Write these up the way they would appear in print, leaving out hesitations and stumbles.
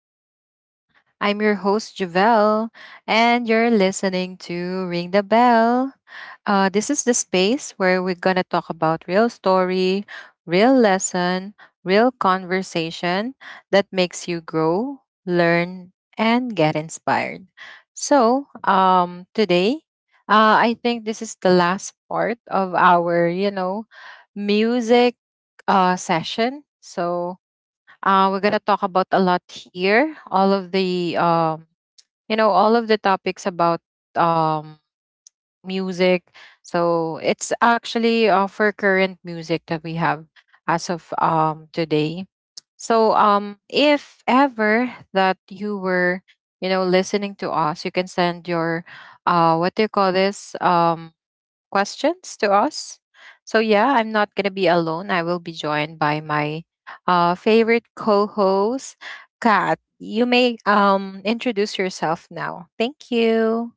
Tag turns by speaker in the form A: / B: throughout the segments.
A: to the show. I'm your host, Javelle, and you're listening to Ring the Bell. This is the space where we're going to talk about real story, real lesson, real conversation that makes you grow, learn, and get inspired. So, today, I think this is the last part of our music session. So, we're gonna talk about a lot here. All of the topics about music. So it's actually for current music that we have as of today. So if ever that you were listening to us, you can send your what do you call this questions to us. So yeah, I'm not gonna be alone. I will be joined by my favorite co-host, Kat. You may introduce yourself now. Thank you.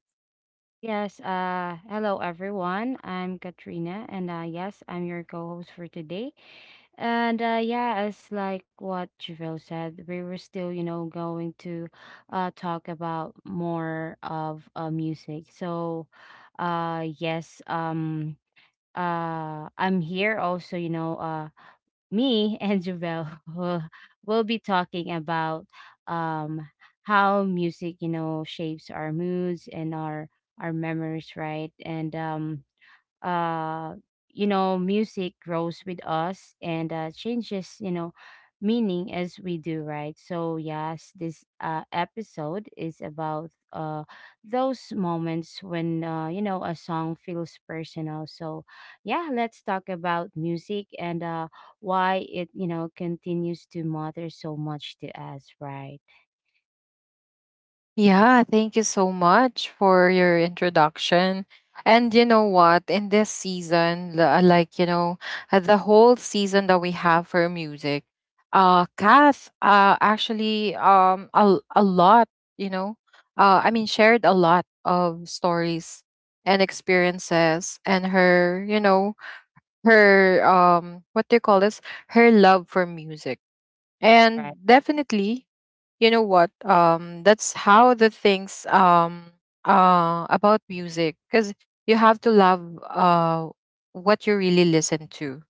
B: Yes, hello everyone. I'm Katrina, and yes, I'm your co-host for today. And yeah, as like what Javelle said, we were still, you know, going to talk about more of music. So, uh, yes, um, I'm here also, you know, me and Javel will, will be talking about um, how music, you know, shapes our moods and our memories, right? And uh you know, music grows with us and changes, you know, meaning as we do, right? So yes, this episode is about those moments when, you know, a song feels personal. So yeah, let's talk about music and why it, you know, continues to matter so much to us, right?
A: Yeah, thank you so much for your introduction. And you know what? In this season, the whole season that we have for music, Kath actually a lot, you know, shared a lot of stories and experiences and her, you know, her, what do you call this? Her love for music.
B: Right.
A: And definitely, you know what that's how the things about music because you have to love uh what you really listen to.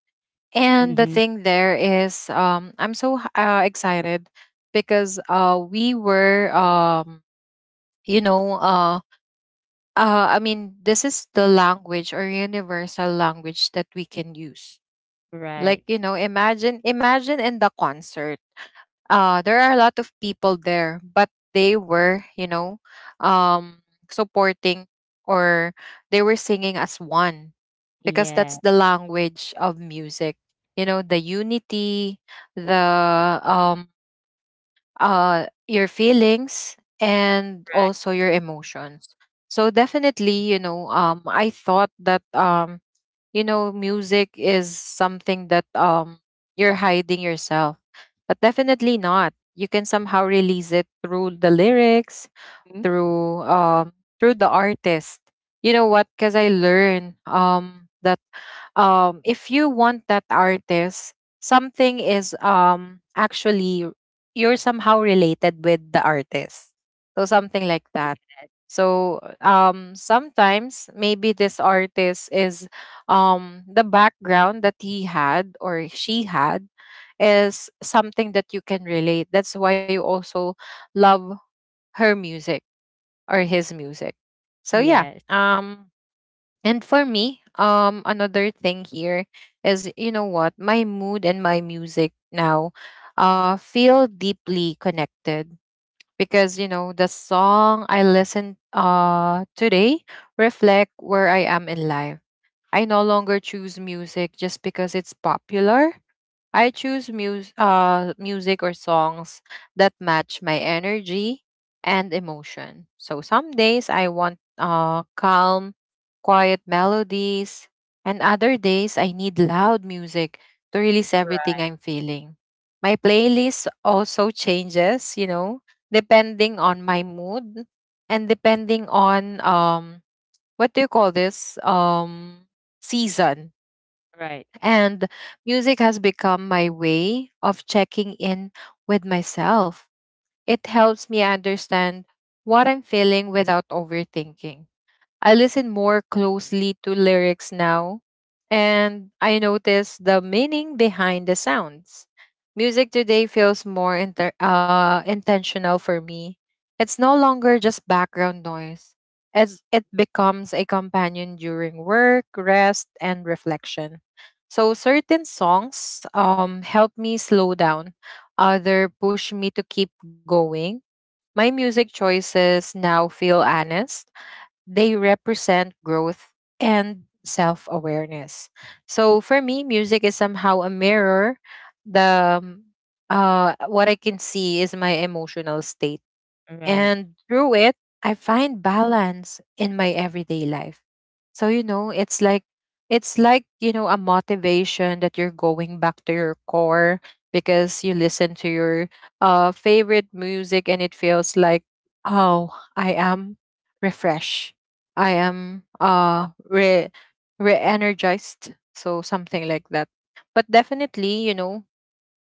A: And the
B: Mm-hmm.
A: thing there is I'm so excited because we were you know I mean, this is the language or universal language that we can use. like,
B: Right.
A: you know, imagine imagine in the concert. There are a lot of people there, but they were, um supporting or they were singing as one because
B: Yeah.
A: that's the language of music. You know, the unity, the um your feelings and also
B: Right.
A: your emotions. So definitely, you know, I thought that music is something that you're hiding yourself, but definitely not. You can somehow release it through the lyrics,
B: Mhm.
A: through the artist. You know what? Because I learned that if you want that artist, something is actually you're somehow related with the artist. So something like that.
B: Yes.
A: So sometimes maybe this artist is the background that he had or she had is something that you can relate. That's why you also love her music or his music. So yeah.
B: Yes.
A: And for me, another thing here is my mood and my music now feel deeply connected because the song I listen today reflect where I am in life. I no longer choose music just because it's popular. I choose music or songs that match my energy and emotion. So some days I want calm, quiet melodies, and other days I need loud music to release everything
B: Right.
A: I'm feeling. My playlist also changes, you know, depending on my mood and depending on what do you call this season,
B: Right.
A: and music has become my way of checking in with myself. It helps me understand what I'm feeling without overthinking. I listen more closely to lyrics now, and I notice the meaning behind the sounds. Music today feels more intentional for me. It's no longer just background noise, as it becomes a companion during work, rest, and reflection. So certain songs help me slow down. Other push me to keep going. My music choices now feel honest, they represent growth and self awareness. So for me, music is somehow a mirror. The What I can see is my emotional state,
B: Right.
A: and through it, I find balance in my everyday life. So, you know, it's like a motivation that you're going back to your core because you listen to your favorite music and it feels like, oh, I am refreshed. I am re energized. So, something like that. But definitely, you know,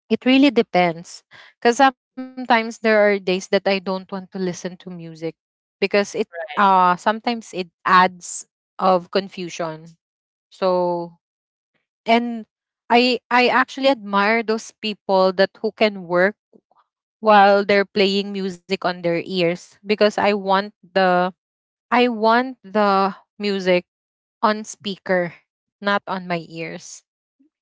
A: it really depends. Because sometimes there are days that I don't want to listen to music because it sometimes it adds of confusion. So and I actually admire those people that who can work while they're playing music on their ears because I want the music on speaker, not on my ears.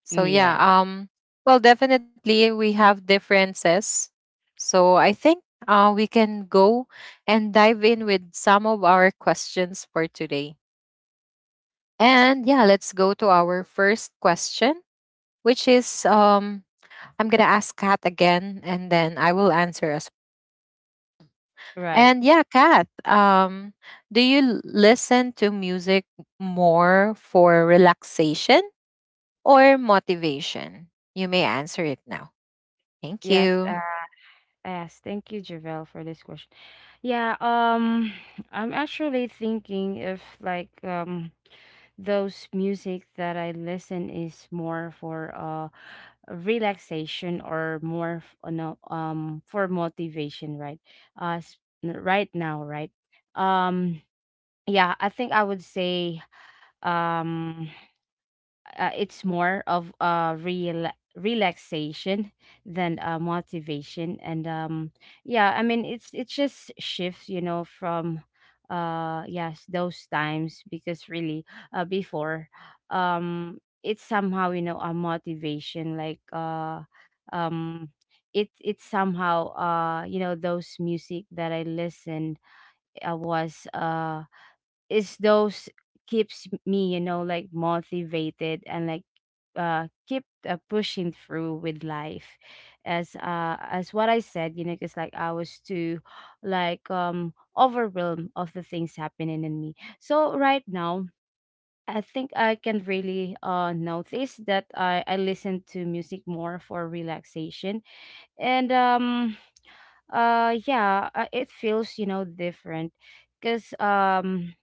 A: So yeah,
B: Yes.
A: well, definitely we have differences. So I think we can go and dive in with some of our questions for today. And yeah, let's go to our first question, which is I'm going to ask Kat again and then I will answer as well.
B: Right.
A: And yeah, Kat, do you listen to music more for relaxation or motivation? You may answer it now. Thank
B: Yes.
A: you.
B: Uh, yes. Thank you, Javel, for this question. Yeah. I'm actually thinking if like those music that I listen is more for relaxation or more f- no, for motivation, right? Uh, s- right now, right? Um, yeah, I think I would say um. It's more of a real relaxation than motivation. And Yeah, I mean, it's just shifts, you know, from yes, those times, because really before, it's somehow, you know, a motivation um it's somehow, you know, those music that I listened, I was is those keeps me, you know, like motivated and like keep pushing through with life, as what I said, you know, because like I was too like overwhelmed of the things happening in me. So right now, I think I can really notice that I listen to music more for relaxation. And Yeah, it feels, you know, different because um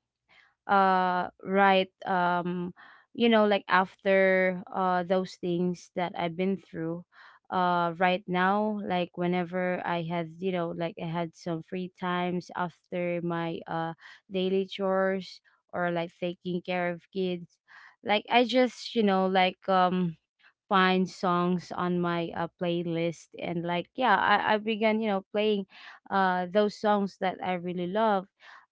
B: uh right, you know, like after those things that I've been through, right now, like whenever I had, you know, like I had some free times after my daily chores or like taking care of kids, like I just, you know, like find songs on my playlist. And like yeah, I began, you know, playing those songs that I really love,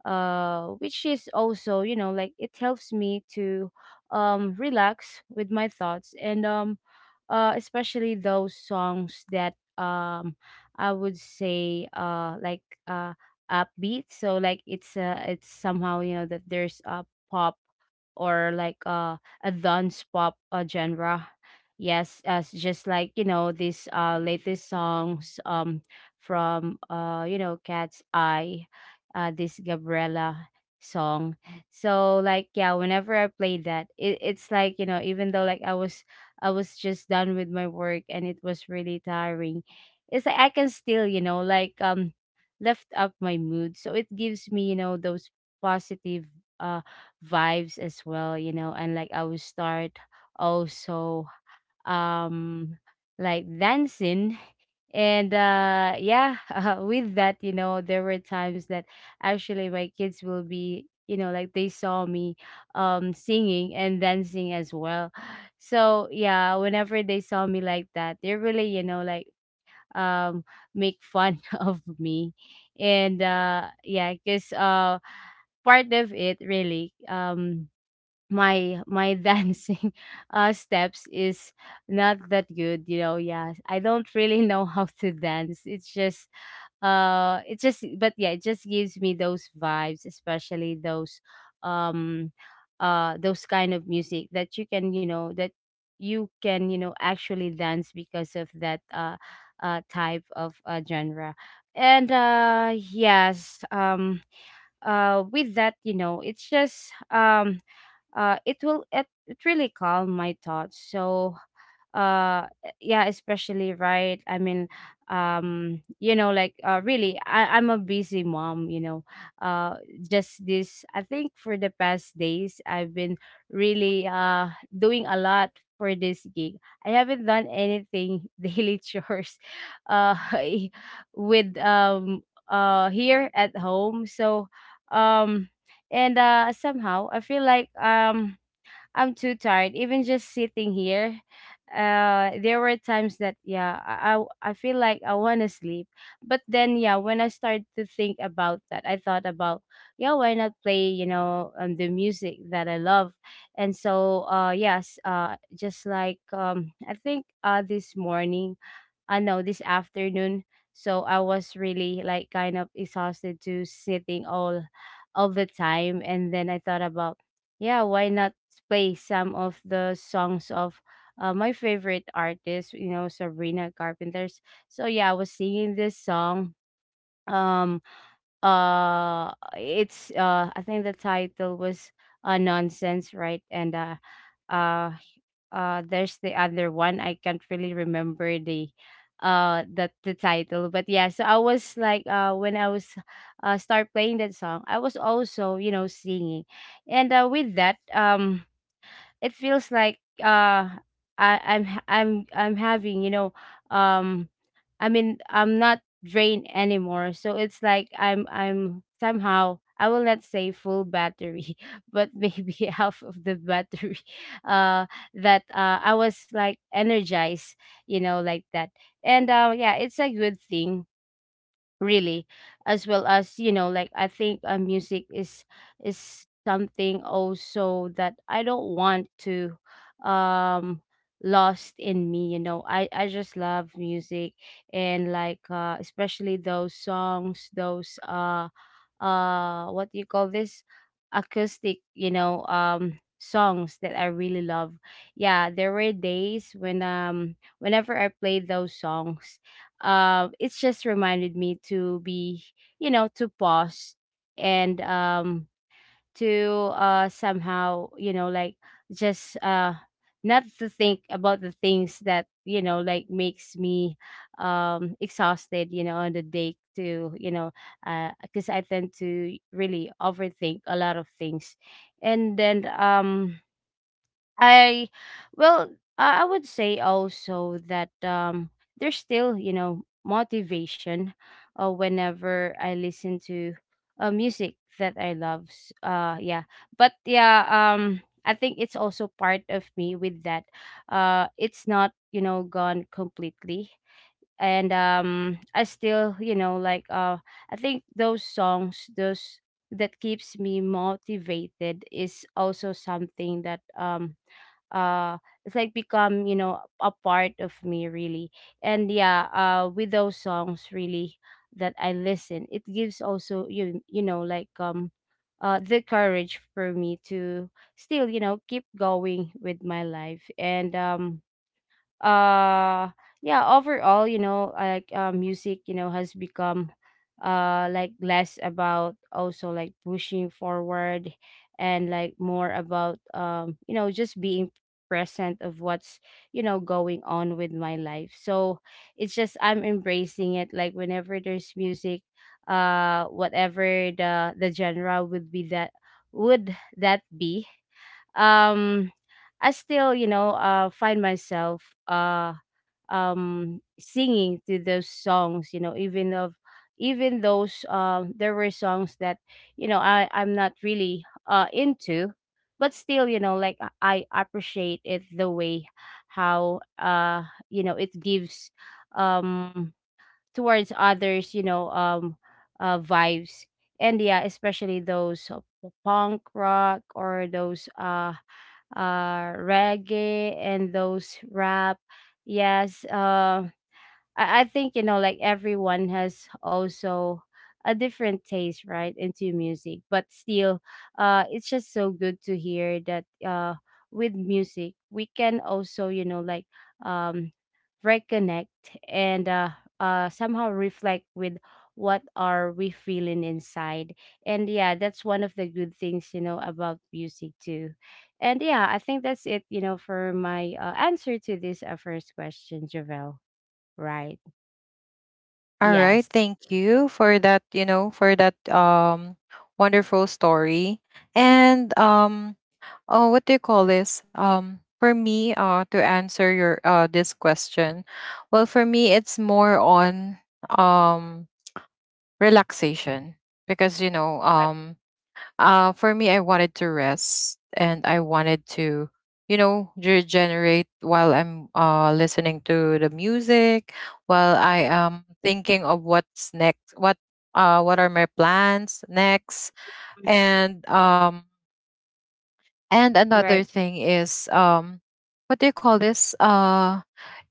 B: which is also, you know, like it helps me to relax with my thoughts. And Especially those songs that I would say like uh upbeat. So like it's, it's somehow, you know, that there's a pop or like a dance pop genre. Yes, as just like, you know, these latest songs from, you know, Cat's Eye, this Gabriella song. So like yeah, whenever I play that, it's like, you know, even though like I was, I was just done with my work and it was really tiring, it's like I can still, you know, like lift up my mood. So it gives me, you know, those positive uh, vibes as well, you know, and like I will start also um like dancing. And Yeah. With that, you know, there were times that actually my kids will be, you know, like they saw me singing and dancing as well. So yeah, whenever they saw me like that, they really, you know, like um make fun of me. And Yeah, because part of it really, my dancing steps is not that good, you know. Yeah, I don't really know how to dance. It's just it just, but yeah, it just gives me those vibes, especially those, um those kind of music that you can, you know, that you can, you know, actually dance because of that type of genre. And Yes, with that, you know, it will, it really calm my thoughts. So, yeah, especially right, I mean, you know, like really, I'm a busy mom, you know. uh just this, I think for the past days, I've been really doing a lot for this gig. I haven't done anything daily chores uh with here at home. So um and somehow I feel like I'm too tired even just sitting here. There were times that yeah, I feel like I want to sleep. But then yeah, when I started to think about that, I thought about, yeah, why not play, you know, the music that I love. And so yes, just like, I think this morning, no, this afternoon. So I was really like kind of exhausted to sitting all the time. And then I thought about, yeah, why not play some of the songs of, my favorite artist, you know, Sabrina Carpenter's. So yeah, I was singing this song. Um it's, I think the title was nonsense, right? And uh there's the other one, I can't really remember the, title. But yeah, so I was like, when I was start playing that song, I was also, you know, singing. And With that, it feels like I'm having, you know, um I mean, I'm not drained anymore. So it's like I'm somehow, I will not say full battery, but maybe half of the battery. Uh that I was like energized, you know, like that. And Yeah, it's a good thing really. As well, as you know, like I think music is something also that I don't want to um lost in me, you know. I just love music. And like especially those songs, those what do you call this, acoustic, you know, songs that I really love. Yeah, there were days when, whenever I played those songs, it's just reminded me to be, you know, to pause. And To somehow, you know, like just not to think about the things that, you know, like makes me exhausted, you know, on the day to, you know, because I tend to really overthink a lot of things. And then I Well, I would say also that there's still, you know, motivation whenever I listen to music that I love. Yeah. But yeah, I think it's also part of me with that. It's not, you know, gone completely. And I still, you know, like I think those songs, those that keeps me motivated is also something that uh it's like become, you know, a part of me, really. And yeah, with those songs really that I listen, it gives also, you know, like the courage for me to still, you know, keep going with my life. And uh yeah, overall, you know, like music, you know, has become like less about also like pushing forward, and like more about, you know, just being present of what's, you know, going on with my life. So it's just, I'm embracing it. Like whenever there's music, whatever the genre would that be, um I still, you know, find myself singing to those songs, you know, even those, there were songs that, you know, I'm not really into, but still, you know, like I appreciate it the way how you know, it gives um towards others, you know, vibes. And yeah, especially those, punk rock or those reggae and those rap. Yes, I think you know, like everyone has also a different taste, right, into music. But still, it's just so good to hear that with music we can also, you know, like um reconnect. And Somehow reflect with what are we feeling inside. And yeah, that's one of the good things, you know, about music too. And yeah, I think that's it, you know, for my, answer to this first question, Javel. Right.
A: All right,
B: Yes.
A: thank you for that, you know, for that wonderful story. And um oh, what do you call this? For me to answer your this question. Well, for me it's more on um relaxation because you
B: Right.
A: know, for me, I wanted to rest and I wanted to, you know, regenerate while I'm listening to the music, while I am thinking of what's next, what are my plans next,
B: Mm.
A: and um, and
B: Right.
A: another thing is what do you call this?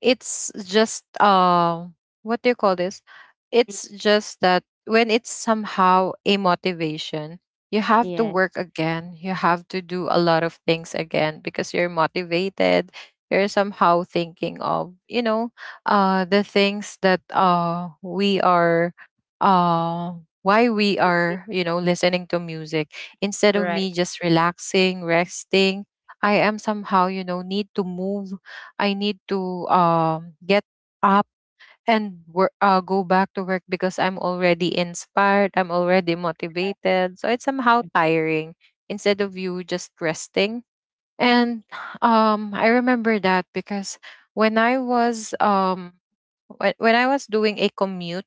A: It's just what do you call this?
B: Mm.
A: It's just that when it's somehow a motivation, you have to
B: Yeah.
A: work again. You have to do a lot of things again because you're motivated. You're somehow thinking of, you know, the things that we are uh why we
B: Mhm.
A: are, you know, listening to music. Instead of
B: Right,
A: me just relaxing, resting, I am somehow, you know, need to move. I need to get up and work, go back to work because I'm already inspired. I'm already motivated. So it's somehow tiring instead of you just resting. And I remember that, because when I was um, when I was doing a commute,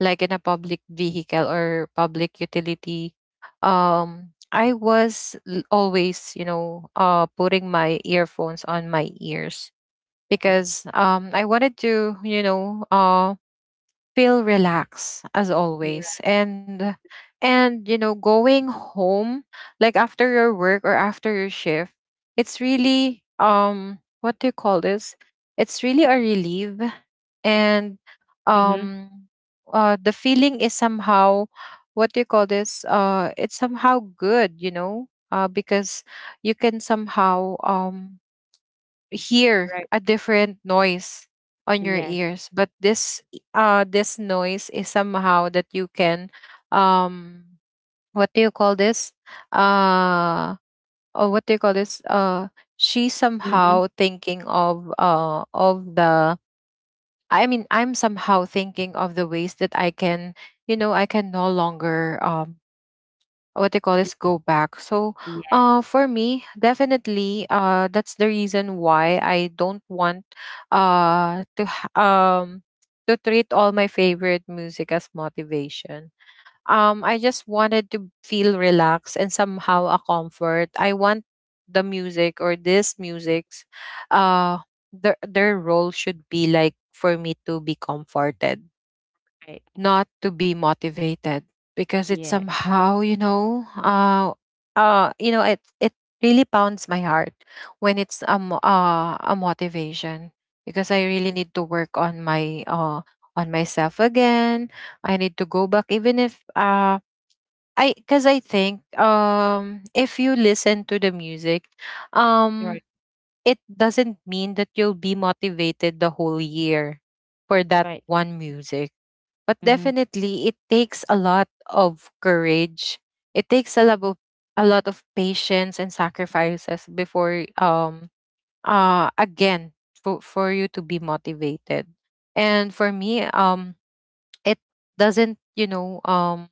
A: like in a public vehicle or public utility, I was always, you know, putting my earphones on my ears
B: right.
A: because I wanted to, you know, feel relaxed as
B: Right.
A: always. And you know going home like after your work or after your shift, it's really what do you call this it's really a relief. and
B: Mhm.
A: um uh the feeling is somehow, what do you call this it's somehow good, you know, because you can somehow hear
B: Right.
A: a different noise on your
B: Yes.
A: ears. But this noise is somehow that you can um what do you call this uh or what do you call this uh she's
B: Mhm.
A: somehow thinking of the I mean I'm somehow thinking of the ways that I can, you know, I can no longer what they call
B: Mm.
A: is go back. So,
B: Yes.
A: for me, definitely, that's the reason why I don't want, uh, to ha- um, to treat all my favorite music as motivation. I just wanted to feel relaxed and somehow a comfort. I want the music, or this music's, uh, their role should be like for me to be comforted,
B: Right.
A: not to be motivated, because it
B: Yeah.
A: somehow it really pounds my heart when it's a motivation because I
B: Mhm.
A: really need to work on my on myself again. I need to go back. Even if I cuz I think if you listen to the music,
B: Right.
A: um doesn't mean that you'll be motivated the whole year for that
B: Right.
A: one music. But
B: Mm-hmm.
A: definitely, it takes a lot of courage. It takes a lot of patience and sacrifices before again for you to be motivated. And for me, it doesn't, you know,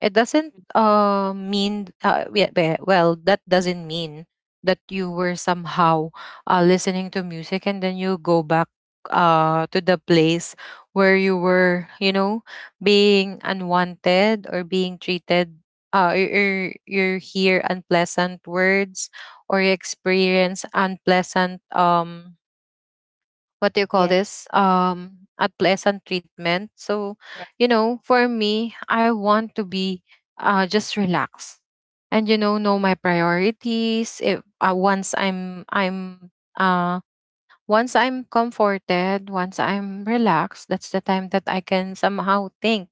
A: it doesn't mean that doesn't mean that you were somehow listening to music and then you go back to the place where you were, you know, being unwanted or being treated, or you hear unpleasant words, or you experience unpleasant what do you call
B: Yes.
A: this a pleasant treatment. So,
B: Right.
A: you know, for me I want to be just relaxed and you know my priorities. If once I'm uh Once I'm comforted, once I'm relaxed, that's the time that I can somehow think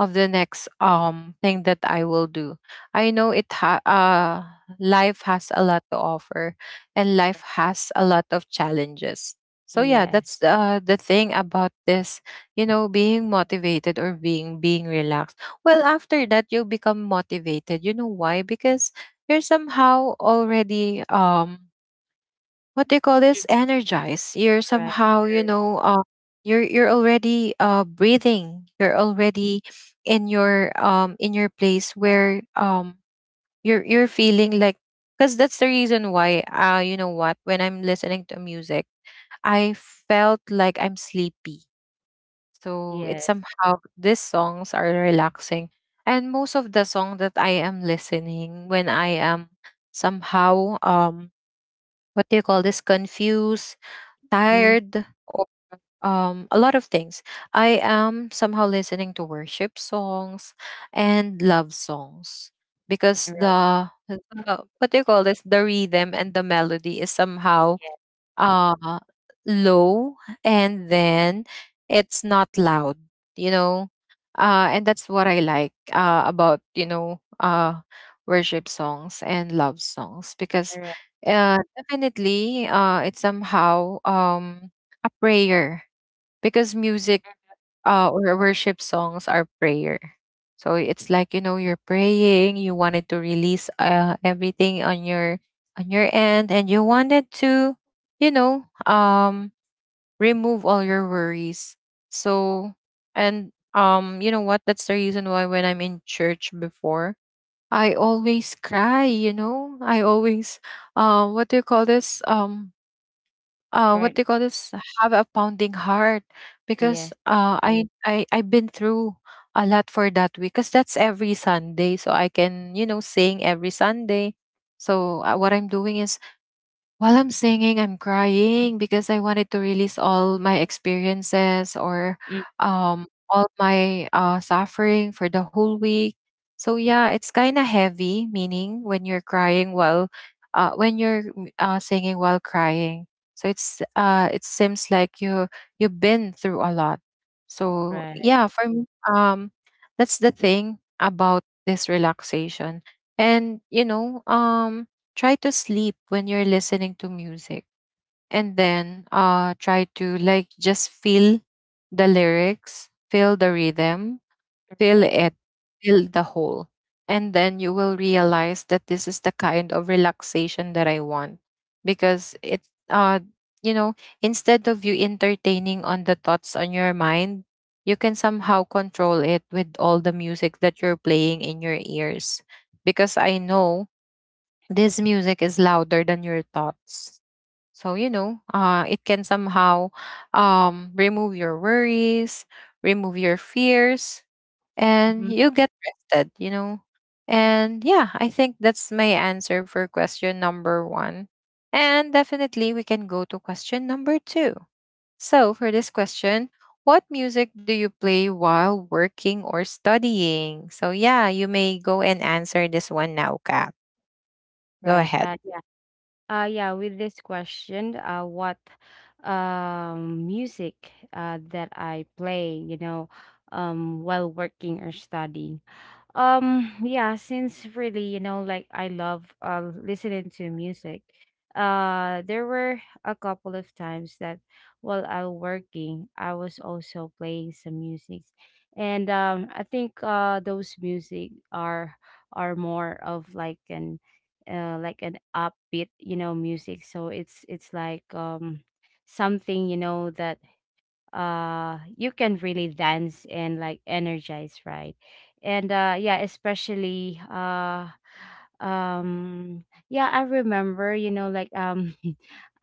A: of the next thing that I will do. I know life has a lot to offer, and life has a lot of challenges. So yeah,
B: Yes.
A: that's the thing about this, you know, being motivated or being relaxed. Well, after that you'll become motivated. You know why? Because you're somehow already what do you call this energized, you're somehow you're already breathing, you're already in your place where you're feeling like. Because that's the reason why you know what, when I'm listening to music, I felt like I'm sleepy. So it's somehow these songs are relaxing, and most of the song that I am listening when I am somehow what do you call this confused,
B: Mm.
A: tired, or a lot of things. I am somehow listening to worship songs and love songs because
B: Right. Right.
A: the what do you call this the rhythm and the melody is
B: Yes. Mhm.
A: somehow
B: Right.
A: uh low, and then it's not loud, you know. And that's what I like, about worship songs and love songs, because
B: Right.
A: definitely, it's somehow a prayer, because music, or worship songs, are prayer. So it's like, you know, you're praying, you wanted to release everything on your end, and you wanted to, you know, um, remove all your worries. So, and you know what? That's the reason why when I'm in church before, I always cry. You know, I always what do you call this? What
B: Right.
A: they call this have a pounding heart, because
B: Yes.
A: I've been through a lot for that week, because that's every Sunday, so I can, you know, sing every Sunday. So what I'm doing is, while I'm singing, I'm crying, because I wanted to release all my experiences or
B: Mm.
A: all my suffering for the whole week. So yeah, it's kind of heavy, meaning when you're crying while when you're singing while crying. So it's it seems like you you've been through a lot. So
B: Right.
A: yeah, um that's the thing about this relaxation. And try to sleep when you're listening to music, and then try to like just feel the lyrics, feel the rhythm, fill
B: Right.
A: it, fill the hole. And then you will realize that this is the kind of relaxation that I want. Because uh, you know, instead of you entertaining on the thoughts on your mind, you can somehow control it with all the music that you're playing in your ears. Because
B: Right.
A: I know this music is louder than your thoughts. So, it can somehow remove your worries, remove your fears, and
B: Mhm.
A: you get rid, you know. And yeah, I think that's my answer for question number one and definitely we can go to question number two. So for this question, what music do you play while working or studying? So yeah, you may go and answer this one now, Cap. Go
B: Right.
A: ahead.
B: Yeah. Yeah, with this question, what music that I play, you know, while working or studying. Yeah, since really, you know, like I love listening to music. There were a couple of times that while I was working, I was also playing some music. And I think those music are more of like an upbeat, you know, music. So it's like something, you know, that you can really dance and like energize, right? And yeah, especially um yeah, I remember, you know, like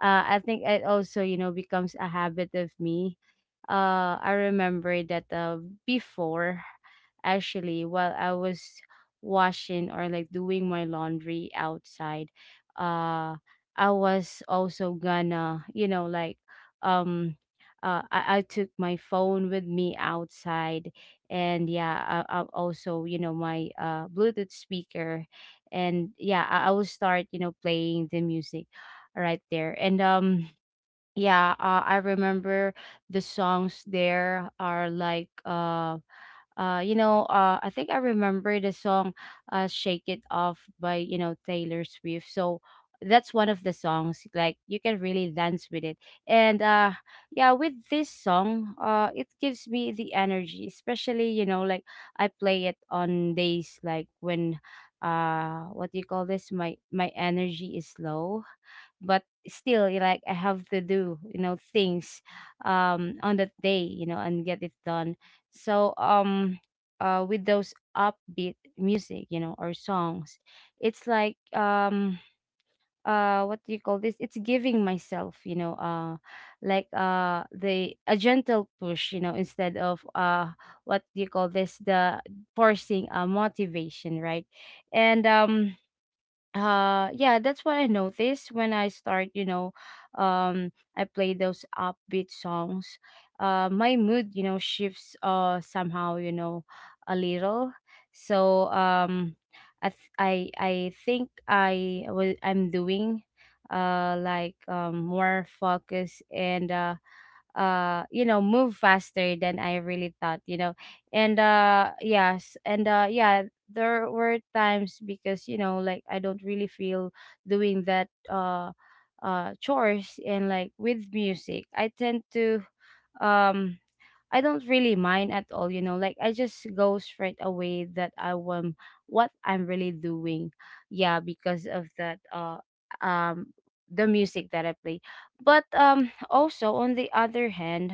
B: I think it also, you know, becomes a habit of me. I remember that before, actually while I was washing or like doing my laundry outside. uh I was also gonna, you know, like um I took my phone with me outside, and yeah, I also, you know, my bluetooth speaker, and yeah, I will start, you know, playing the music right there. And yeah I remember the songs there are like you know, I think I remember the song. Shake It Off by, you know, Taylor Swift. So that's one of the songs like you can really dance with it. And yeah, with this song, it gives me the energy, especially, you know, like I play it on days like when, what do you call this, my energy is low, but still you like I have to do, you know, things on that day, you know, and get it done. So with those upbeat music, you know, or songs, it's like, what do you call this, it's giving myself, you know, like the a gentle push, you know, instead of what do you call this, the forcing a motivation, right? And yeah, that's what I noticed when I start, you know, um I play those upbeat songs, my mood, you know, shifts somehow, you know, a little. So I think I'm doing like more focus, and you know, move faster than I really thought, you know. And yes, and yeah, there were times because, you know, like I don't really feel doing that chores, and like with music, I tend to, um I don't really mind at all, you know, like I just go straight away that I want what I'm really doing. Yeah, because of that, um the music that I play. But also on the other hand,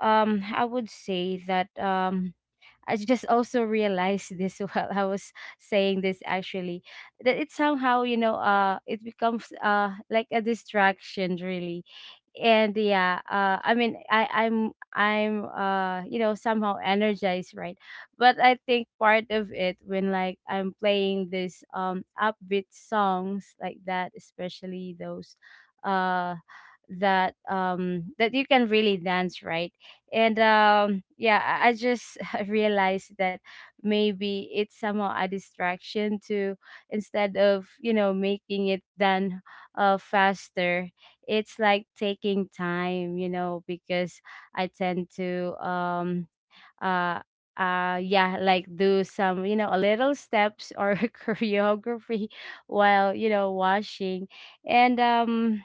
B: I would say that, I just also realized this while I was saying this, actually, that it somehow, you know, it becomes like a distraction, really. And yeah, I mean, I'm you know, somehow energized, right? But I think part of it when like I'm playing this upbeat songs like that, especially those uh that that you can really dance, right? And yeah, I just realized that maybe it's somehow a distraction to, instead of, you know, making it done faster, it's like taking time, you know, because I tend to uh yeah, like do some, you know, a little steps or choreography while, you know, washing. And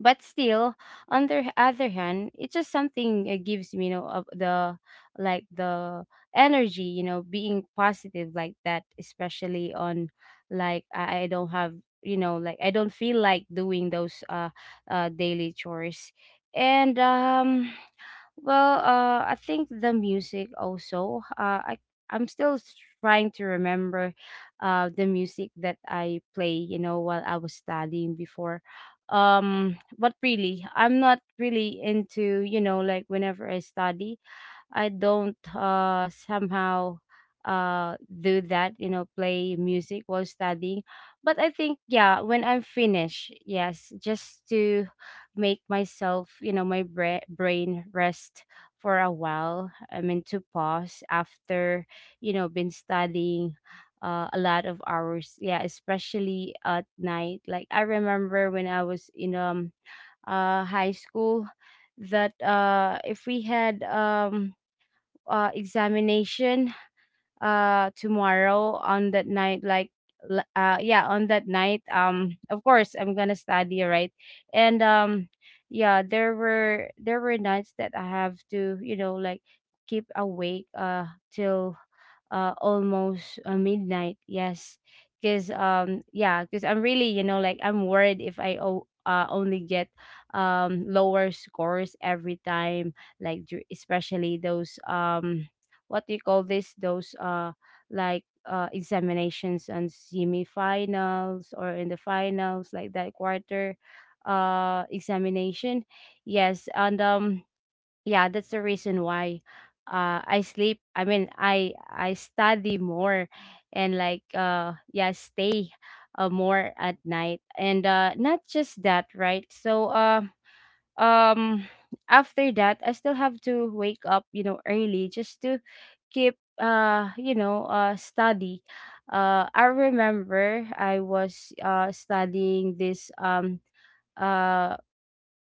B: but still, on the other hand, it's just something, it gives me, you know, of the like the energy, you know, being positive like that, especially on like I don't have, you know, like I don't feel like doing those daily chores. And well, I think the music also, I'm still trying to remember the music that I play, you know, while I was studying before. But really, I'm not really into, you know, like whenever I study, I don't somehow do that, you know, play music while studying. But I think, yeah, when I'm finished, yes, just to make myself, you know, my brain rest for a while. I mean, to pause after, you know, been studying a lot of hours. Yeah, especially at night. Like I remember when I was in high school, that if we had examination tomorrow, on that night like, yeah, on that night, of course I'm gonna study, right? And yeah, there were nights that I have to, you know, like keep awake till almost midnight. Yes, because yeah, because I'm really, you know, like I'm worried if I only get lower scores every time, like especially those what do you call this? Those like examinations and semifinals or in the finals like that quarter examination. Yes, and yeah, that's the reason why I sleep I mean I study more, and like yeah, stay more at night. And not just that, right? So um after that, I still have to wake up, you know, early, just to keep you know, study. I remember I was studying this uh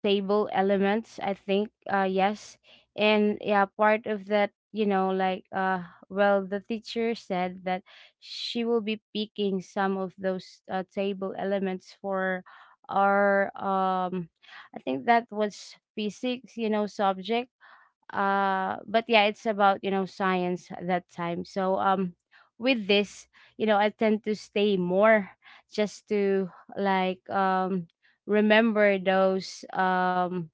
B: stable elements, I think, yes. And yeah, part of that, you know, like, well, the teacher said that she will be picking some of those table elements for our I think that was physics, you know, subject. But yeah, it's about, you know, science at that time. So with this, you know, I tend to stay more, just to like remember those um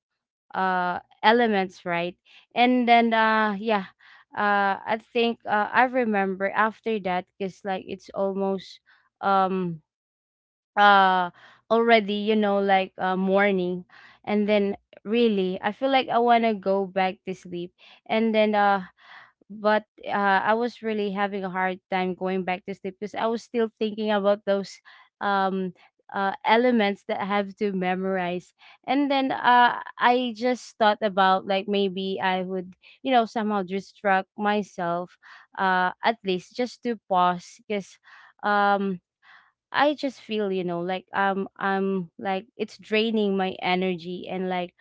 B: uh elements, right? And then yeah, I think, I remember after that, because like it's almost um uh already, you know, like morning. And then really, I feel like I want to go back to sleep. And then but I was really having a hard time going back to sleep because I was still thinking about those um elements that I have to memorize. And then I just thought about like maybe I would, you know, somehow distract myself at least, just to pause, because um. I just feel, you know, like I'm like it's draining my energy, and like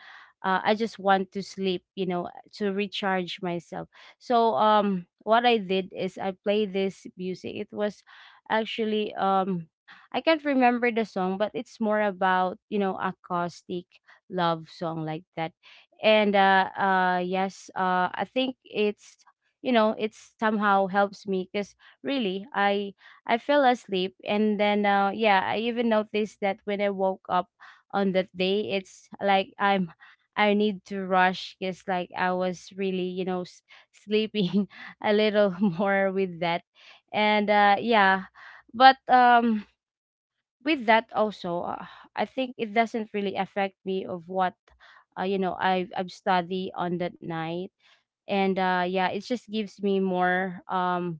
B: I just want to sleep, you know, to recharge myself. So what I did is I played this music. It was actually I can't remember the song, but it's more about, you know, acoustic love song like that. And yes, I think it's, you know, it somehow helps me because really I fell asleep. And then yeah, I even noticed that when I woke up on that day, it's like I'm I need to rush because like I was really, you know, sleeping a little more with that. And yeah, but with that also, I think it doesn't really affect me of what you know, I've studied on that night. And yeah, it just gives me more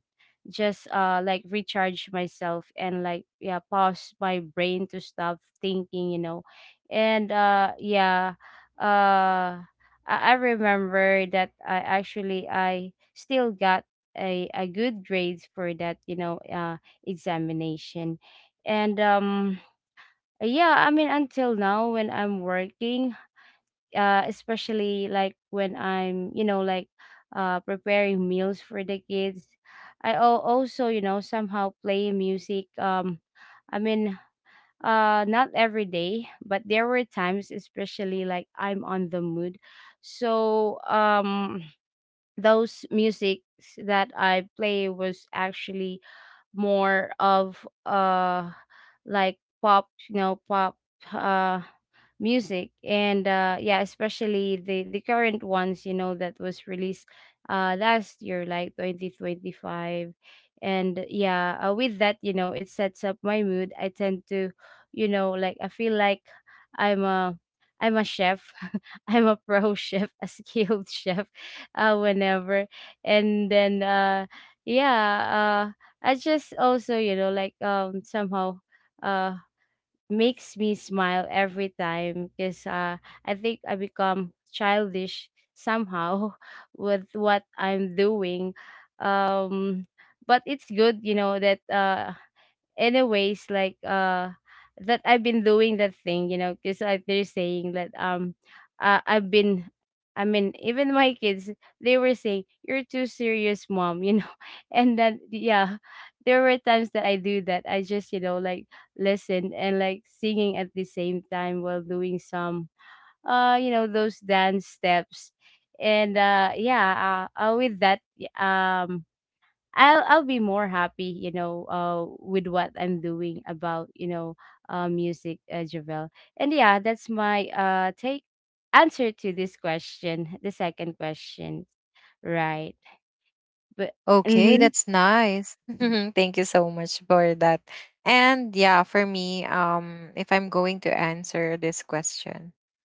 B: just like recharge myself, and like, yeah, pause my brain to stop thinking, you know. And yeah, uh I remember that I actually I still got a good grades for that, you know, examination. And yeah, I mean, until now when I'm working, especially like when I'm, you know, like preparing meals for the kids. I also, you know, somehow play music. I mean, not every day, but there were times, especially like I'm on the mood. So, those musics that I play was actually more of like pop, you know, pop uh music. And yeah, especially the current ones, you know, that was released last year, like 2025. And yeah, with that, you know, it sets up my mood, I tend to, you know, like I feel like i'm a I'm a chef, I'm a pro chef, a skilled chef, whenever. And then yeah, I just also, you know, like somehow uh makes me smile every time, because I think I become childish somehow with what I'm doing. Um but it's good, you know, that anyways, like that I've been doing that thing, you know, because like they're saying that I've been, I mean, even my kids, they were saying, "You're too serious, mom," you know. And then, yeah, there were times that I do that, I just, you know, like listen and like singing at the same time while doing some you know, those dance steps. And yeah, with that, um I'll be more happy, you know, with what I'm doing about, you know, music, Javel. And yeah, that's my take, answer to this question, the second question, right? But
A: Okay,
B: mm-hmm.
A: that's nice. Thank you so much for that. And yeah, for me, if I'm going to answer this question,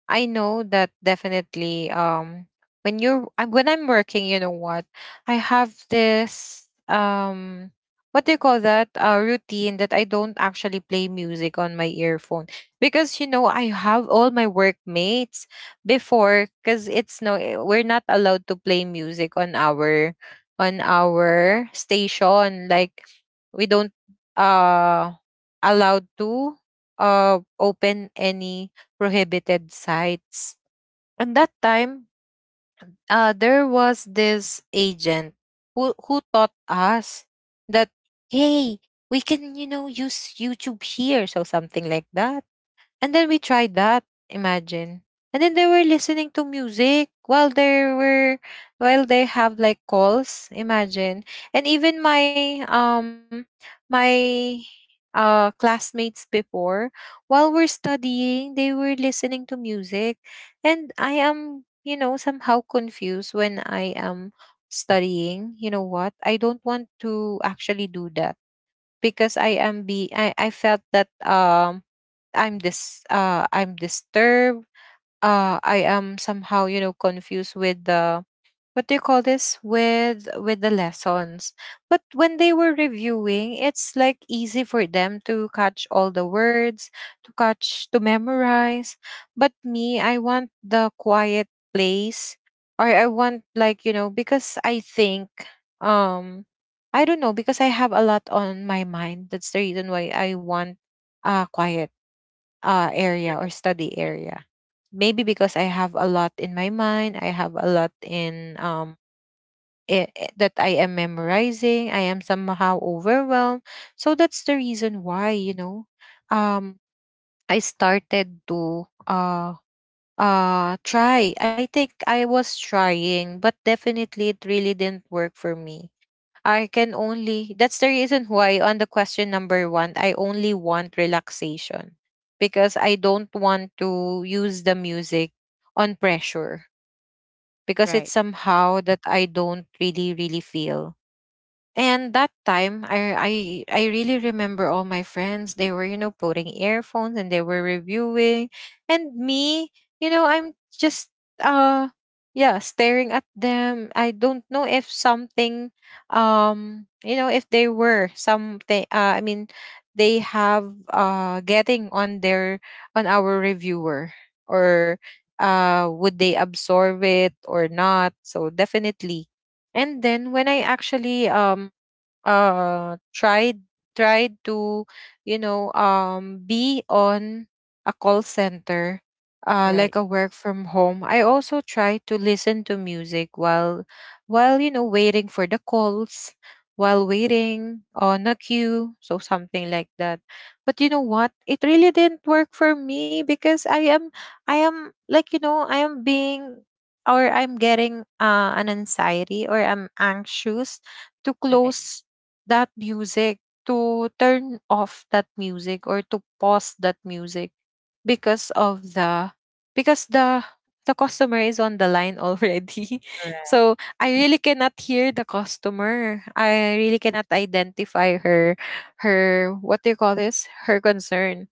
A: I know that definitely when I'm working, you know what? I have this what do you call that? Routine that I don't actually play music on my earphone, because you know, I have all my workmates before, because it's no eh, we're not allowed to play music on our station. Like, we don't uh allowed to open any prohibited sites. And that time, there was this agent who taught us that, hey, we can, you know, use YouTube here, so something like that. And then we tried that. Imagine. And then they were listening to music while they were while they have like calls. Imagine. And even my my classmates before, while we're studying, they were listening to music. And I am, you know, somehow confused when I am studying. You know what? I don't want to actually do that, because I am be I felt that I'm this I'm disturbed. I am somehow, you know, confused with the what do you call this? With the lessons. But when they were reviewing, it's like easy for them to catch all the words, to catch to memorize. But me, I want the quiet place. Or I want, like, you know, because I think, um I don't know, because I have a lot on my mind. That's the reason why I want quiet area or study area. Maybe because I have a lot in my mind, I have a lot in that I am memorizing. I am somehow overwhelmed, so that's the reason why, um, I started to try. I think I was trying, but definitely it really didn't work for me. I can only, that's the reason why on the question number 1, I only want relaxation, because I don't want to use the music on pressure, because it's
B: Right,
A: somehow that I don't really really feel. And that time, I I really remember all my friends. They were, you know, putting earphones and they were reviewing, and me, you know, I'm just uh yeah, staring at them. I don't know if something, you know, if they were something. I mean, they have getting on their on our reviewer, or would they absorb it or not? So definitely. And then when I actually uh tried tried to, you know, be on a call center,
B: right,
A: like a work from home, I also try to listen to music while, you know, waiting for the calls, while waiting on a queue, so something like that. But you know what? It really didn't work for me, because I am, you know, I am being or I'm getting an anxiety, or I'm anxious to
B: right,
A: close that music, to turn off that music, or to pause that music, because of the, because the customer is on the line already.
B: right,
A: So I really cannot hear the customer. I really cannot identify her her what do you call this? her concern.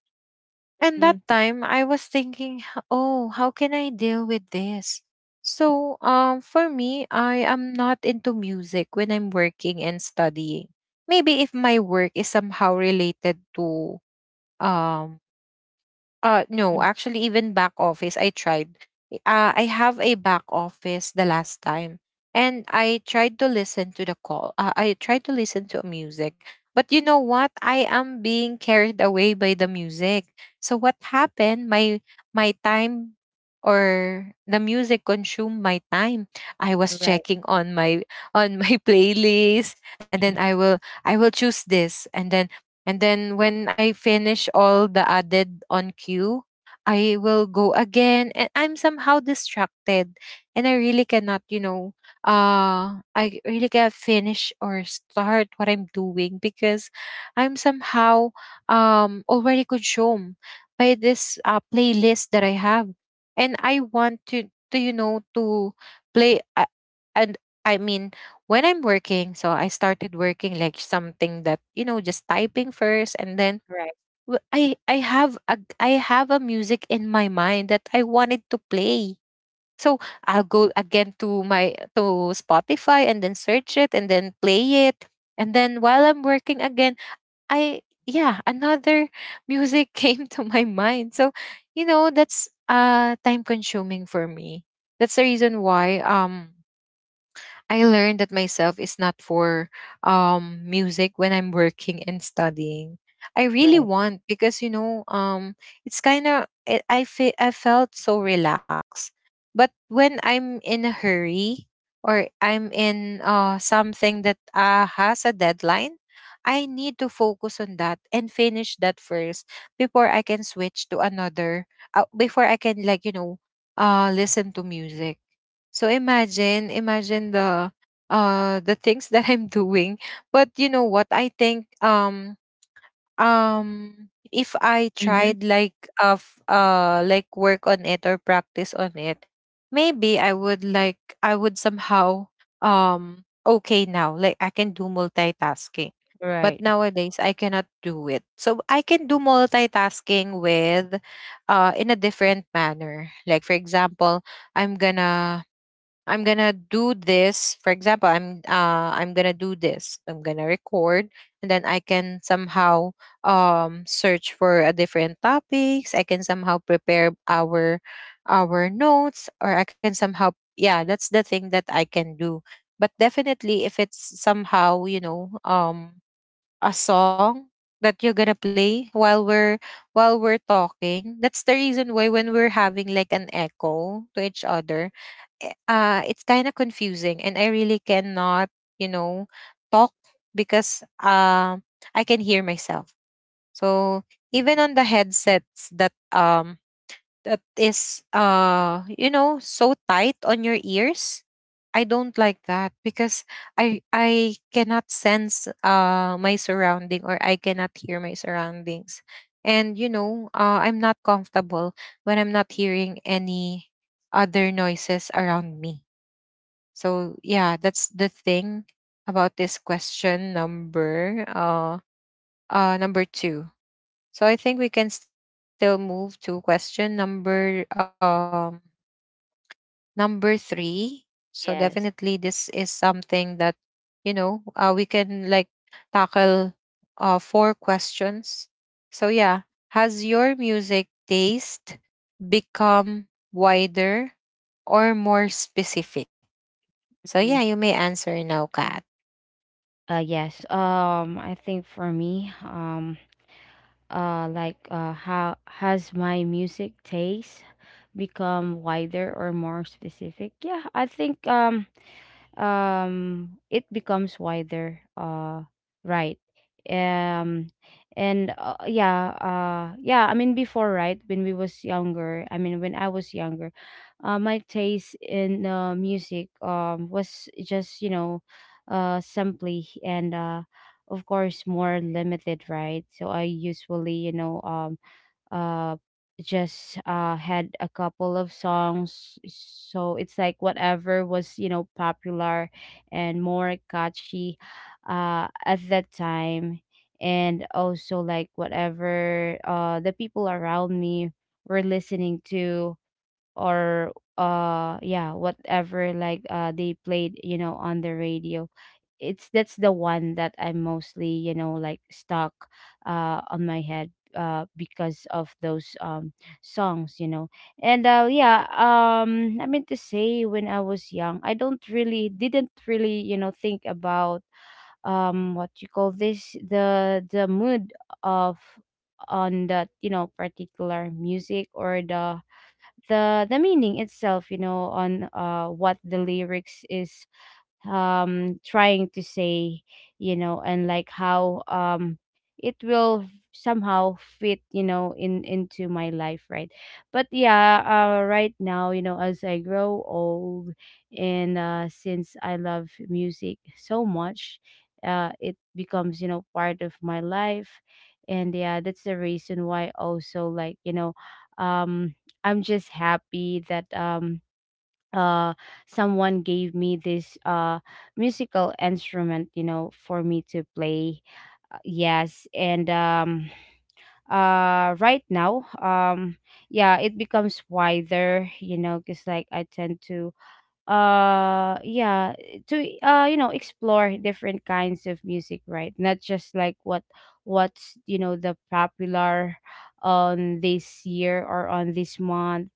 A: And that
B: mm-hmm.
A: time I was thinking, oh, how can I deal with this? So, for me, I am not into music when I'm working and studying. Maybe if my work is somehow related to, um no,
B: Mm,
A: actually, even back office, I tried. I have a back office the last time, and I tried to listen to the call. I tried to listen to music, but you know what? I am being carried away by the music. So what happened? My time, or the music consumed my time. I was
B: right,
A: checking on my playlist, and then I will choose this, and then when I finish all the added on queue, I will go again, and I'm somehow distracted, and I really cannot, you know, I really can't finish or start what I'm doing, because I'm somehow already consumed by this playlist that I have. And I want to, you know, to play, and I mean, when I'm working, so I started working like something that, you know, just typing first, and then
B: right,
A: I have a music in my mind that I wanted to play. So I'll go again to my to Spotify and then search it and then play it, and then while I'm working again, I yeah another music came to my mind. So you know, that's time consuming for me. That's the reason why I learned that myself is not for music when I'm working and studying. I really
B: right,
A: want, because you know, it's kind of, I felt so relaxed. But when I'm in a hurry, or I'm in something that has a deadline, I need to focus on that and finish that first before I can switch to another, before I can, like, you know, listen to music. So imagine, imagine the things that I'm doing. But you know what? I think um if I
B: mm-hmm.
A: tried like of like work on it or practice on it, maybe I would like I would somehow, okay now. Like, I can do multitasking. But
B: Right.
A: nowadays I cannot do it. So I can do multitasking with in a different manner. Like, for example, I'm gonna I'm gonna do this. For example, I'm gonna do this. I'm gonna record, and then I can somehow search for a different topics. I can somehow prepare our notes, or I can somehow, yeah, that's the thing that I can do. But definitely if it's somehow, you know, a song that you're gonna play while we're talking, that's the reason why when we're having like an echo to each other, it's kind of confusing, and I really cannot, you know, talk, because I can hear myself. So even on the headsets that that is so tight on your ears, I don't like that because I cannot sense my surrounding or I cannot hear my surroundings. And I'm not comfortable when I'm not hearing any other noises around me. So yeah, that's the thing about this question number number 2. So I think we can still move to question number number 3. So definitely this
B: Yes.
A: is something that we can like tackle four questions. So yeah, has your music taste become wider or more specific? So yeah,
B: Mm-hmm.
A: you may answer now, Kat.
B: Yes. I think for me, Like, how has my music taste become wider or more specific? Yeah, I think, it becomes wider, right. um and yeah, yeah, I mean, before, right, when we was younger, I mean when I was younger, my taste in, music, was just, you know, simply, and, of course, more limited, right. So I usually, you know, uh just had a couple of songs. So it's like whatever was, you know, popular and more catchy at that time, and also like whatever the people around me were listening to, or yeah, whatever, like they played, you know, on the radio. It's, that's the one that I'm mostly, you know, like stuck on my head, because of those songs, you know. And yeah, I mean to say, when I was young, I don't really, didn't really, you know, think about, what you call this, the mood of, on that, you know, particular music, or the the meaning itself, you know, on what the lyrics is trying to say, you know. And like how it will somehow fit, you know, in into my life, right. But yeah, right now, you know, as I grow old, and since I love music so much, it becomes, you know, part of my life. And yeah, that's the reason why, also like, you know, um I'm just happy that uh someone gave me this musical instrument, you know, for me to play. Yes, and right now, yeah, it becomes wider, you know, because like I tend to, yeah, to you know, explore different kinds of music, right. Not just like what's, you know, the popular on this year, or on this month,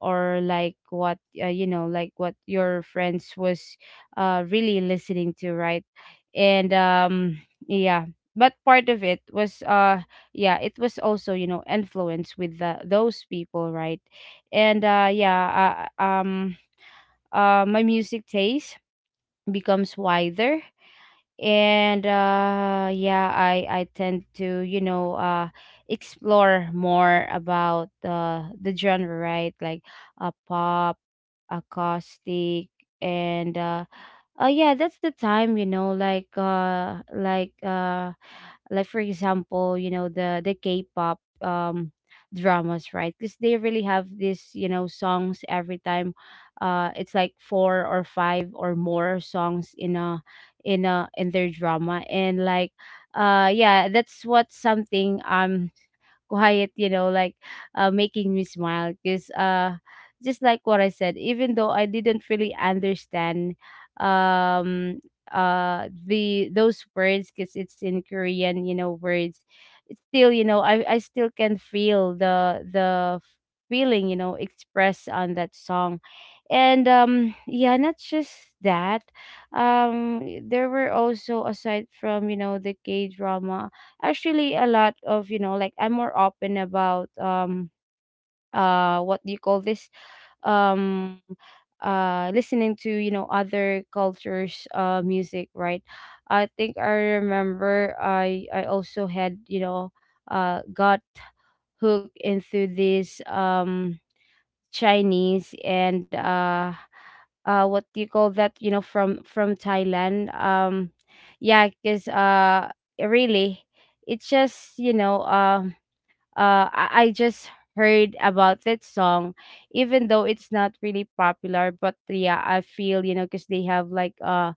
B: or like what, you know, like what your friends was really listening to, right. And yeah, but part of it was, yeah, it was also, you know, influenced with those people, right. And yeah, my music taste becomes wider. And yeah, I tend to, you know, explore more about, the genre, right, like a pop, acoustic, and, yeah, that's the time, you know, like, like, for example, you know, the k-pop, dramas, right. Because they really have this, you know, songs every time, it's like four or five or more songs in a, in their drama. And like, yeah, that's what, something quiet, you know, like, making me smile. Because, just like what I said, even though I didn't really understand, um, the those words, because it's in Korean, you know, words. It's still, you know, I still can feel the feeling, you know, expressed on that song. And yeah, not just that. There were also, aside from, you know, the k drama, actually a lot of, you know, like, I'm more open about what do you call this, um listening to, you know, other cultures music, right. I think I remember, I also had, you know, got hooked into this Chinese, and what do you call that, you know, from Thailand. Yeah, because, really, it's just, you know, I just heard about that song, even though it's not really popular. But yeah, I feel, you know, because they have like, uh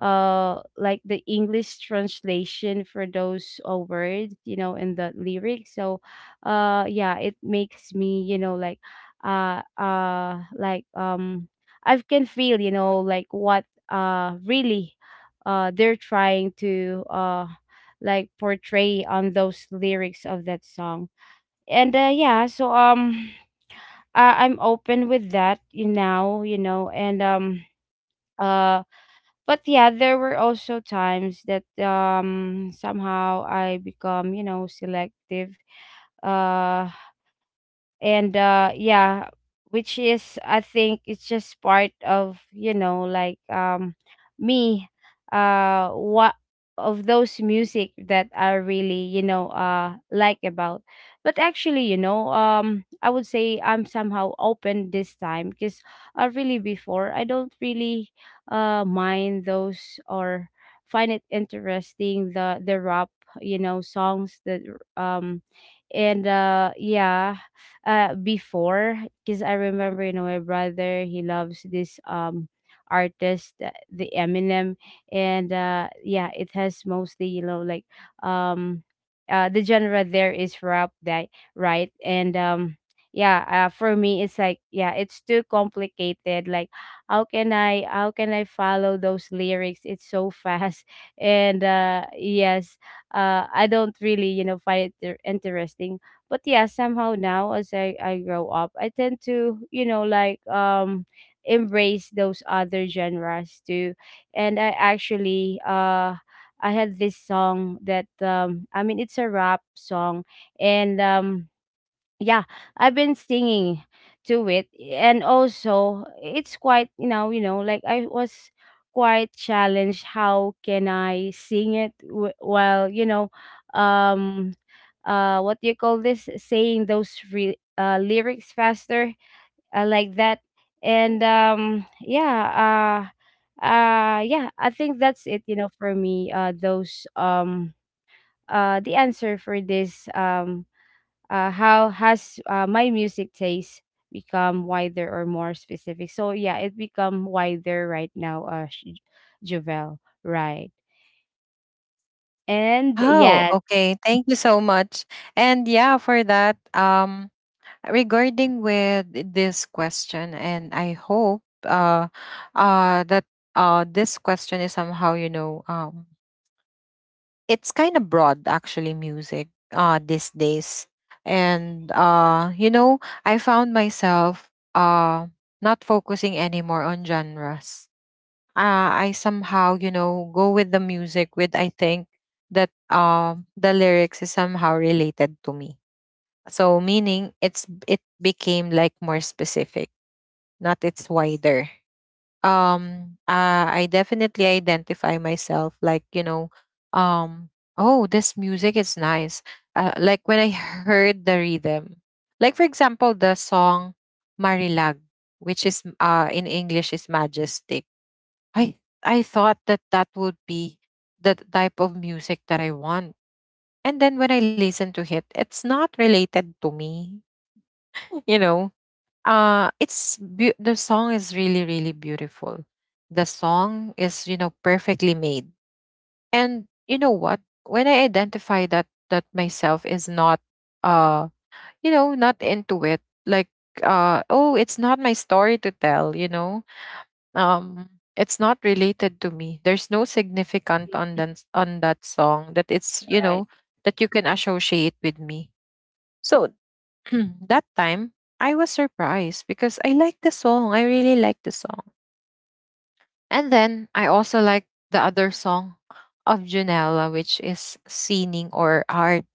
B: uh like the English translation for those words, you know, in the lyrics. So, yeah, it makes me, you know, like, uh uh like um I can feel, you know, like what, really, they're trying to, like portray on those lyrics of that song. And yeah, so, I'm open with that, you now, you know. And uh but yeah, there were also times that somehow I become, you know, selective, uh and yeah, which is, I think, it's just part of, you know, like, me, what, of those music that I really, you know, like about. But actually, you know, I would say I'm somehow open this time, because I really, before, I don't really mind those, or find it interesting, the rap, you know, songs that, um and yeah, before, because I remember, you know, my brother, he loves this, artist, the Eminem. And yeah, it has mostly, you know, like, um the genre there is rap, that, right. And yeah, for me it's like, yeah, it's too complicated, like how can I follow those lyrics, it's so fast. And yes, I don't really, you know, find it interesting. But yeah, somehow now, as I grow up, I tend to, you know, like, embrace those other genres too. And I actually, I had this song that, I mean, it's a rap song. And yeah, I've been singing to it. And also it's quite, you know, like I was quite challenged, how can I sing it while, you know, um what do you call this, saying those lyrics faster, like that. And yeah, yeah, I think that's it, you know, for me, those, the answer for this, how has, my music taste become wider or more specific. So yeah, it become wider right now, Jovel, right. And
A: Oh,
B: yeah,
A: thank you so much. And yeah, for that, regarding with this question, and I hope that this question is somehow, it's kind of broad actually, music these days. And, I found myself not focusing anymore on genres. I somehow, you know, go with the music with I think that the lyrics is somehow related to me. So meaning it's it became like more specific, not it's wider. I definitely identify myself like, um oh, this music is nice. Like when I heard the rhythm. Like for example, the song Marilag, which is in English is majestic. I thought that that would be the type of music that I want. And then when I listen to it, it's not related to me. You know, it's the song is really really beautiful. The song is you know perfectly made. And you know what? When I identify that that myself is not uh you know not into it, like oh, it's not my story to tell. You know, Um, it's not related to me. There's no significant on that song that it's you
B: right,
A: know you can associate with me. So that time I was surprised because I like the song. I really like the song, and then I also like the other song of Junella, which is singing or art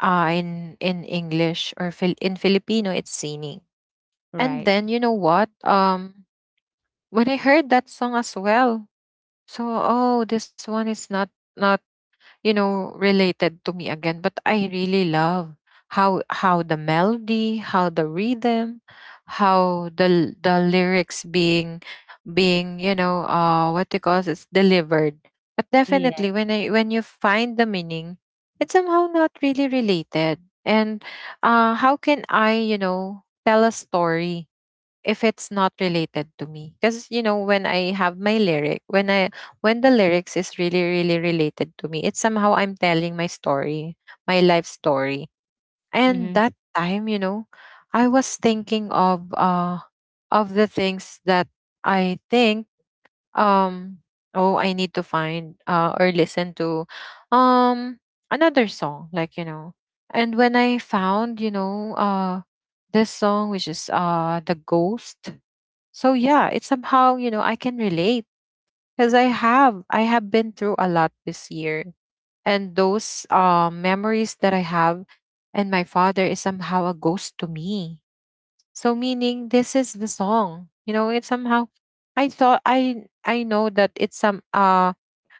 A: in English or in Filipino, it's singing. And
B: right,
A: then you know what? When I heard that song as well, so, oh, this one is not not you know related to me again, but I really love how the melody, how the rhythm, how the lyrics being being you know what you call it's delivered. But
B: yeah,
A: definitely, when I find the meaning, it's somehow not really related. And how can I you know tell a story if it's not related to me? Because you know when I have my lyric when I when the lyrics is really really related to me, it's somehow I'm telling my story, my life story.
B: mm-hmm,
A: And that time, you know, I was thinking of the things that I think, um oh, I need to find or listen to um another song. Like you know, and when I found this song, which is the ghost. So yeah, it's somehow, you know, I can relate because I have been through a lot this year. And those memories that I have, and my father is somehow a ghost to me. So meaning this is the song. You know, it's somehow I thought I know that it's some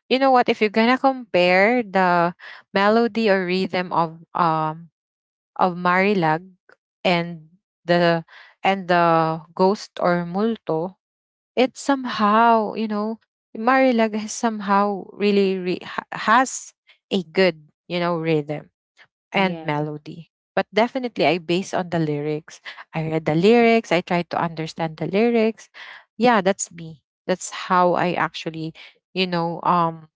A: you know what, if you're gonna compare the melody or rhythm of Marilag and the and the ghost or multo, it's somehow, you know, Marilag has somehow has a good, you know, rhythm and
B: yeah.
A: melody. But definitely, I base on the lyrics. I read the lyrics. I try to understand the lyrics. Yeah, that's me. That's how I actually, you know, um,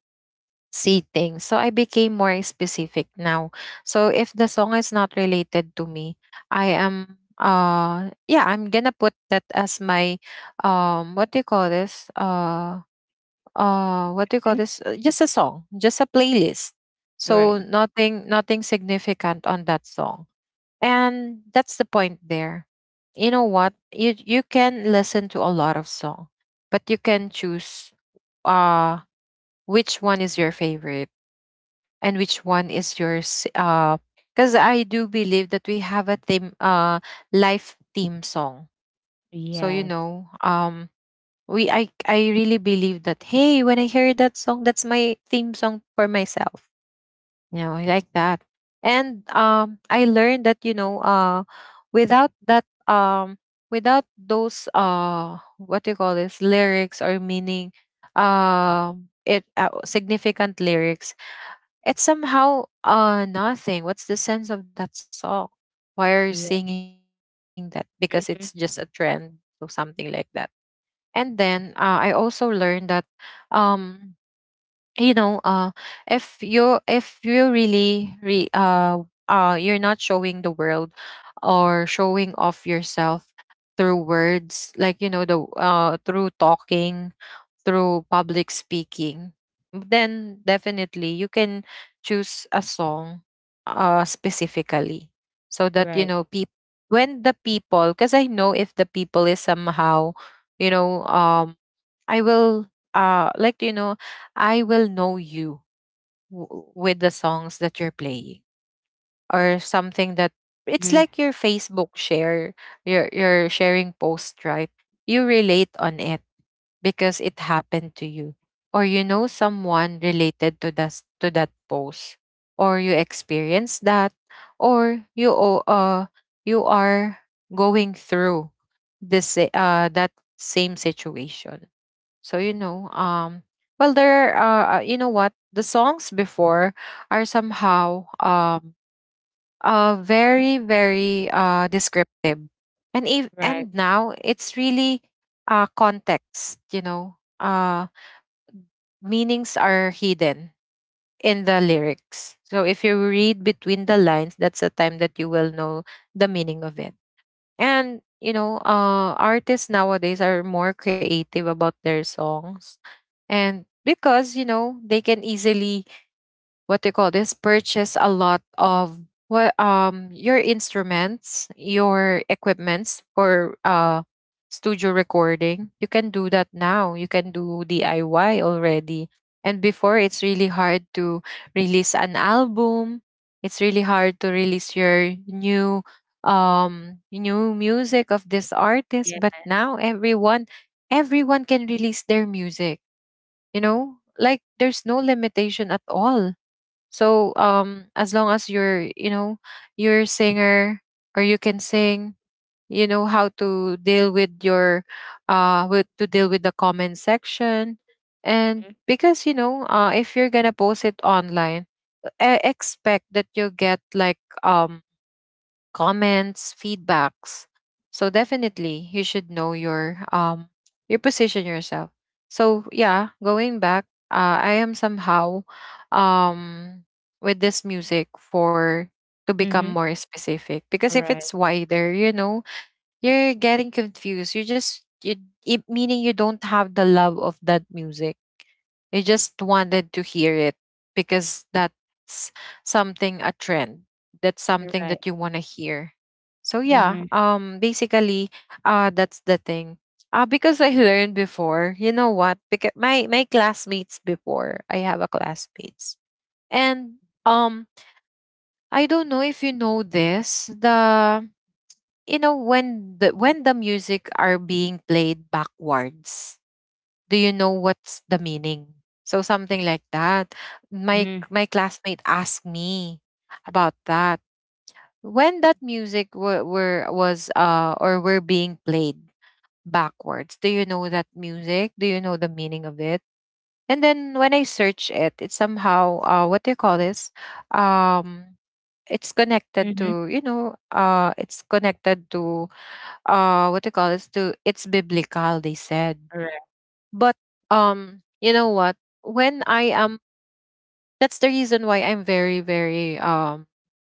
A: see things. So I became more specific now. So if the song is not related to me, I am yeah, I'm gonna put that as my um what do you call this? Uh what do you call this? Just a song, just a playlist.
B: Right.
A: So nothing nothing significant on that song. And that's the point there. You know what? You can listen to a lot of song, but you can choose uh which one is your favorite and which one is yours. Because I do believe that we have a theme, life theme song. So you
B: Yes.
A: know, we I really believe that, hey, when I hear that song, that's my theme song for myself. You know, I like that. And I learned that, without that, without those what do you call this lyrics or meaning, it significant lyrics, it's somehow nothing. What's the sense of that song? Why are you
B: Yeah.
A: singing that? Because it's just a trend
B: Mhm.
A: or something like that. And then I also learned that um you know uh if you you're not showing the world or showing off yourself through words, like you know the through talking, through public speaking, then definitely you can choose a song specifically so that, you
B: Right.
A: know, people, when the people, because I know if the people is somehow, you know, um, I will, I will know you w- with the songs that you're playing or something that. It's
B: Mhm.
A: like your Facebook share, your sharing post, right? You relate on it because it happened to you, or you know someone related to that post, or you experienced that, or you are going through that same situation. So you know, well, there are you know what, the songs before are somehow very very descriptive. And if
B: Right.
A: and now it's really context, meanings are hidden in the lyrics. So if you read between the lines, that's the time that you will know the meaning of it. And you know, artists nowadays are more creative about their songs. And because you know, they can easily what do you call this purchase a lot of what your instruments, your equipments for studio recording. You can do that now. You can do diy already. And before, it's really hard to release an album. It's really hard to release your new new music of this
B: Yes.
A: artist. But now everyone, everyone can release their music. You know, like there's no limitation at all. So as long as you're, you know, you're a singer or you can sing, you know how to deal with your with to deal with the comment section.
B: Mhm.
A: And because you know, if you're gonna post it online, I expect that you'll get like comments, feedbacks. So definitely you should know your position yourself. So yeah, going back, I am somehow um with this music for to become
B: Mhm.
A: more specific, because if
B: Right.
A: it's wider, you know, you're getting confused. You just you it, meaning you don't have the love of that music. You just wanted to hear it because that's something a trend. That's something
B: Right.
A: that you want to hear. So
B: Mhm.
A: yeah, basically that's the thing. Uh, because I learned before, you know what? Because my classmates before, I have a classmates. And um I don't know if you know this, the you know when the music are being played backwards, do you know what's the meaning? So something like that. My
B: Mhm.
A: my classmate asked me about that. When that music were was or were being played backwards. Do you know that music? Do you know the meaning of it? And then when I search it, it's somehow what do you call this? Um it's connected
B: Mhm.
A: to, you know, it's connected to what do you call this to it's biblical, they said.
B: Right.
A: You know what when I am That's the reason why I'm very very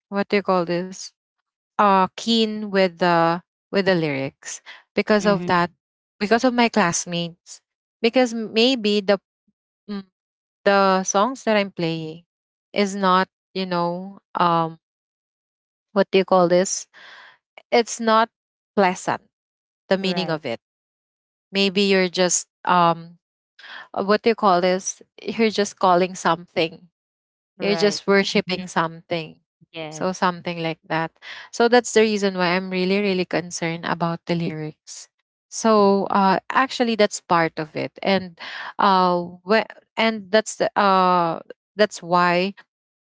A: what do you call this keen with the lyrics because
B: Mhm.
A: of that, because of my classmates. Because maybe the mm, the songs that I'm playing is not you know what do you call this it's not pleasant the meaning
B: Right.
A: of it. Maybe you're just what do you call this you're just calling something, you're
B: Right.
A: just
B: Mhm.
A: worshiping.
B: Yes.
A: So something like that. So that's the reason why I'm really, really concerned about the lyrics. So actually, that's part of it, and uh, wh- and that's the that's why,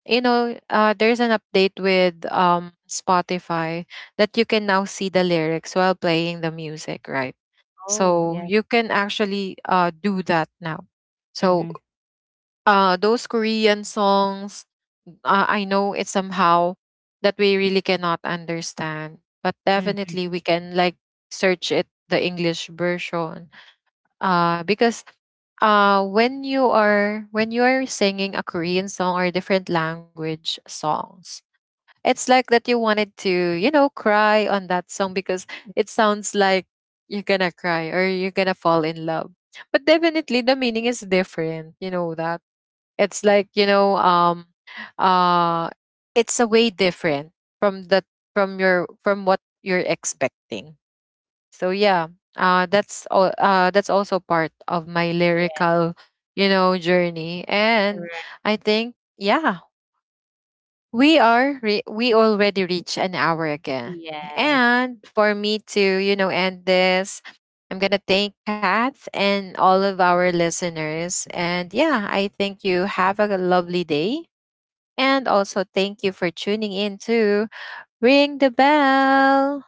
A: you know, there's an update with Spotify that you can now see the lyrics while playing the music, right?
B: Oh, yes.
A: So you can actually do that now. So
B: Mhm.
A: those Korean songs, I know it somehow that we really cannot understand, but
B: Mhm.
A: definitely we can like search it the English version. Because when you are singing a Korean song or different language songs, it's like that you wanted to, you know, cry on that song because it sounds like you're gonna cry or you're gonna fall in love. But definitely the meaning is different, you know that. It's like, uh it's a way different from the from your from what you're expecting. So yeah, that's also part of my
B: Yeah.
A: lyrical, you know, journey. And
B: Right.
A: I think yeah, we already reach an hour again.
B: Yes.
A: And for me to, you know, end this, I'm going to thank Pat and all of our listeners. And yeah, I think you have a lovely day. And also, thank you for tuning in to Ring the Bell.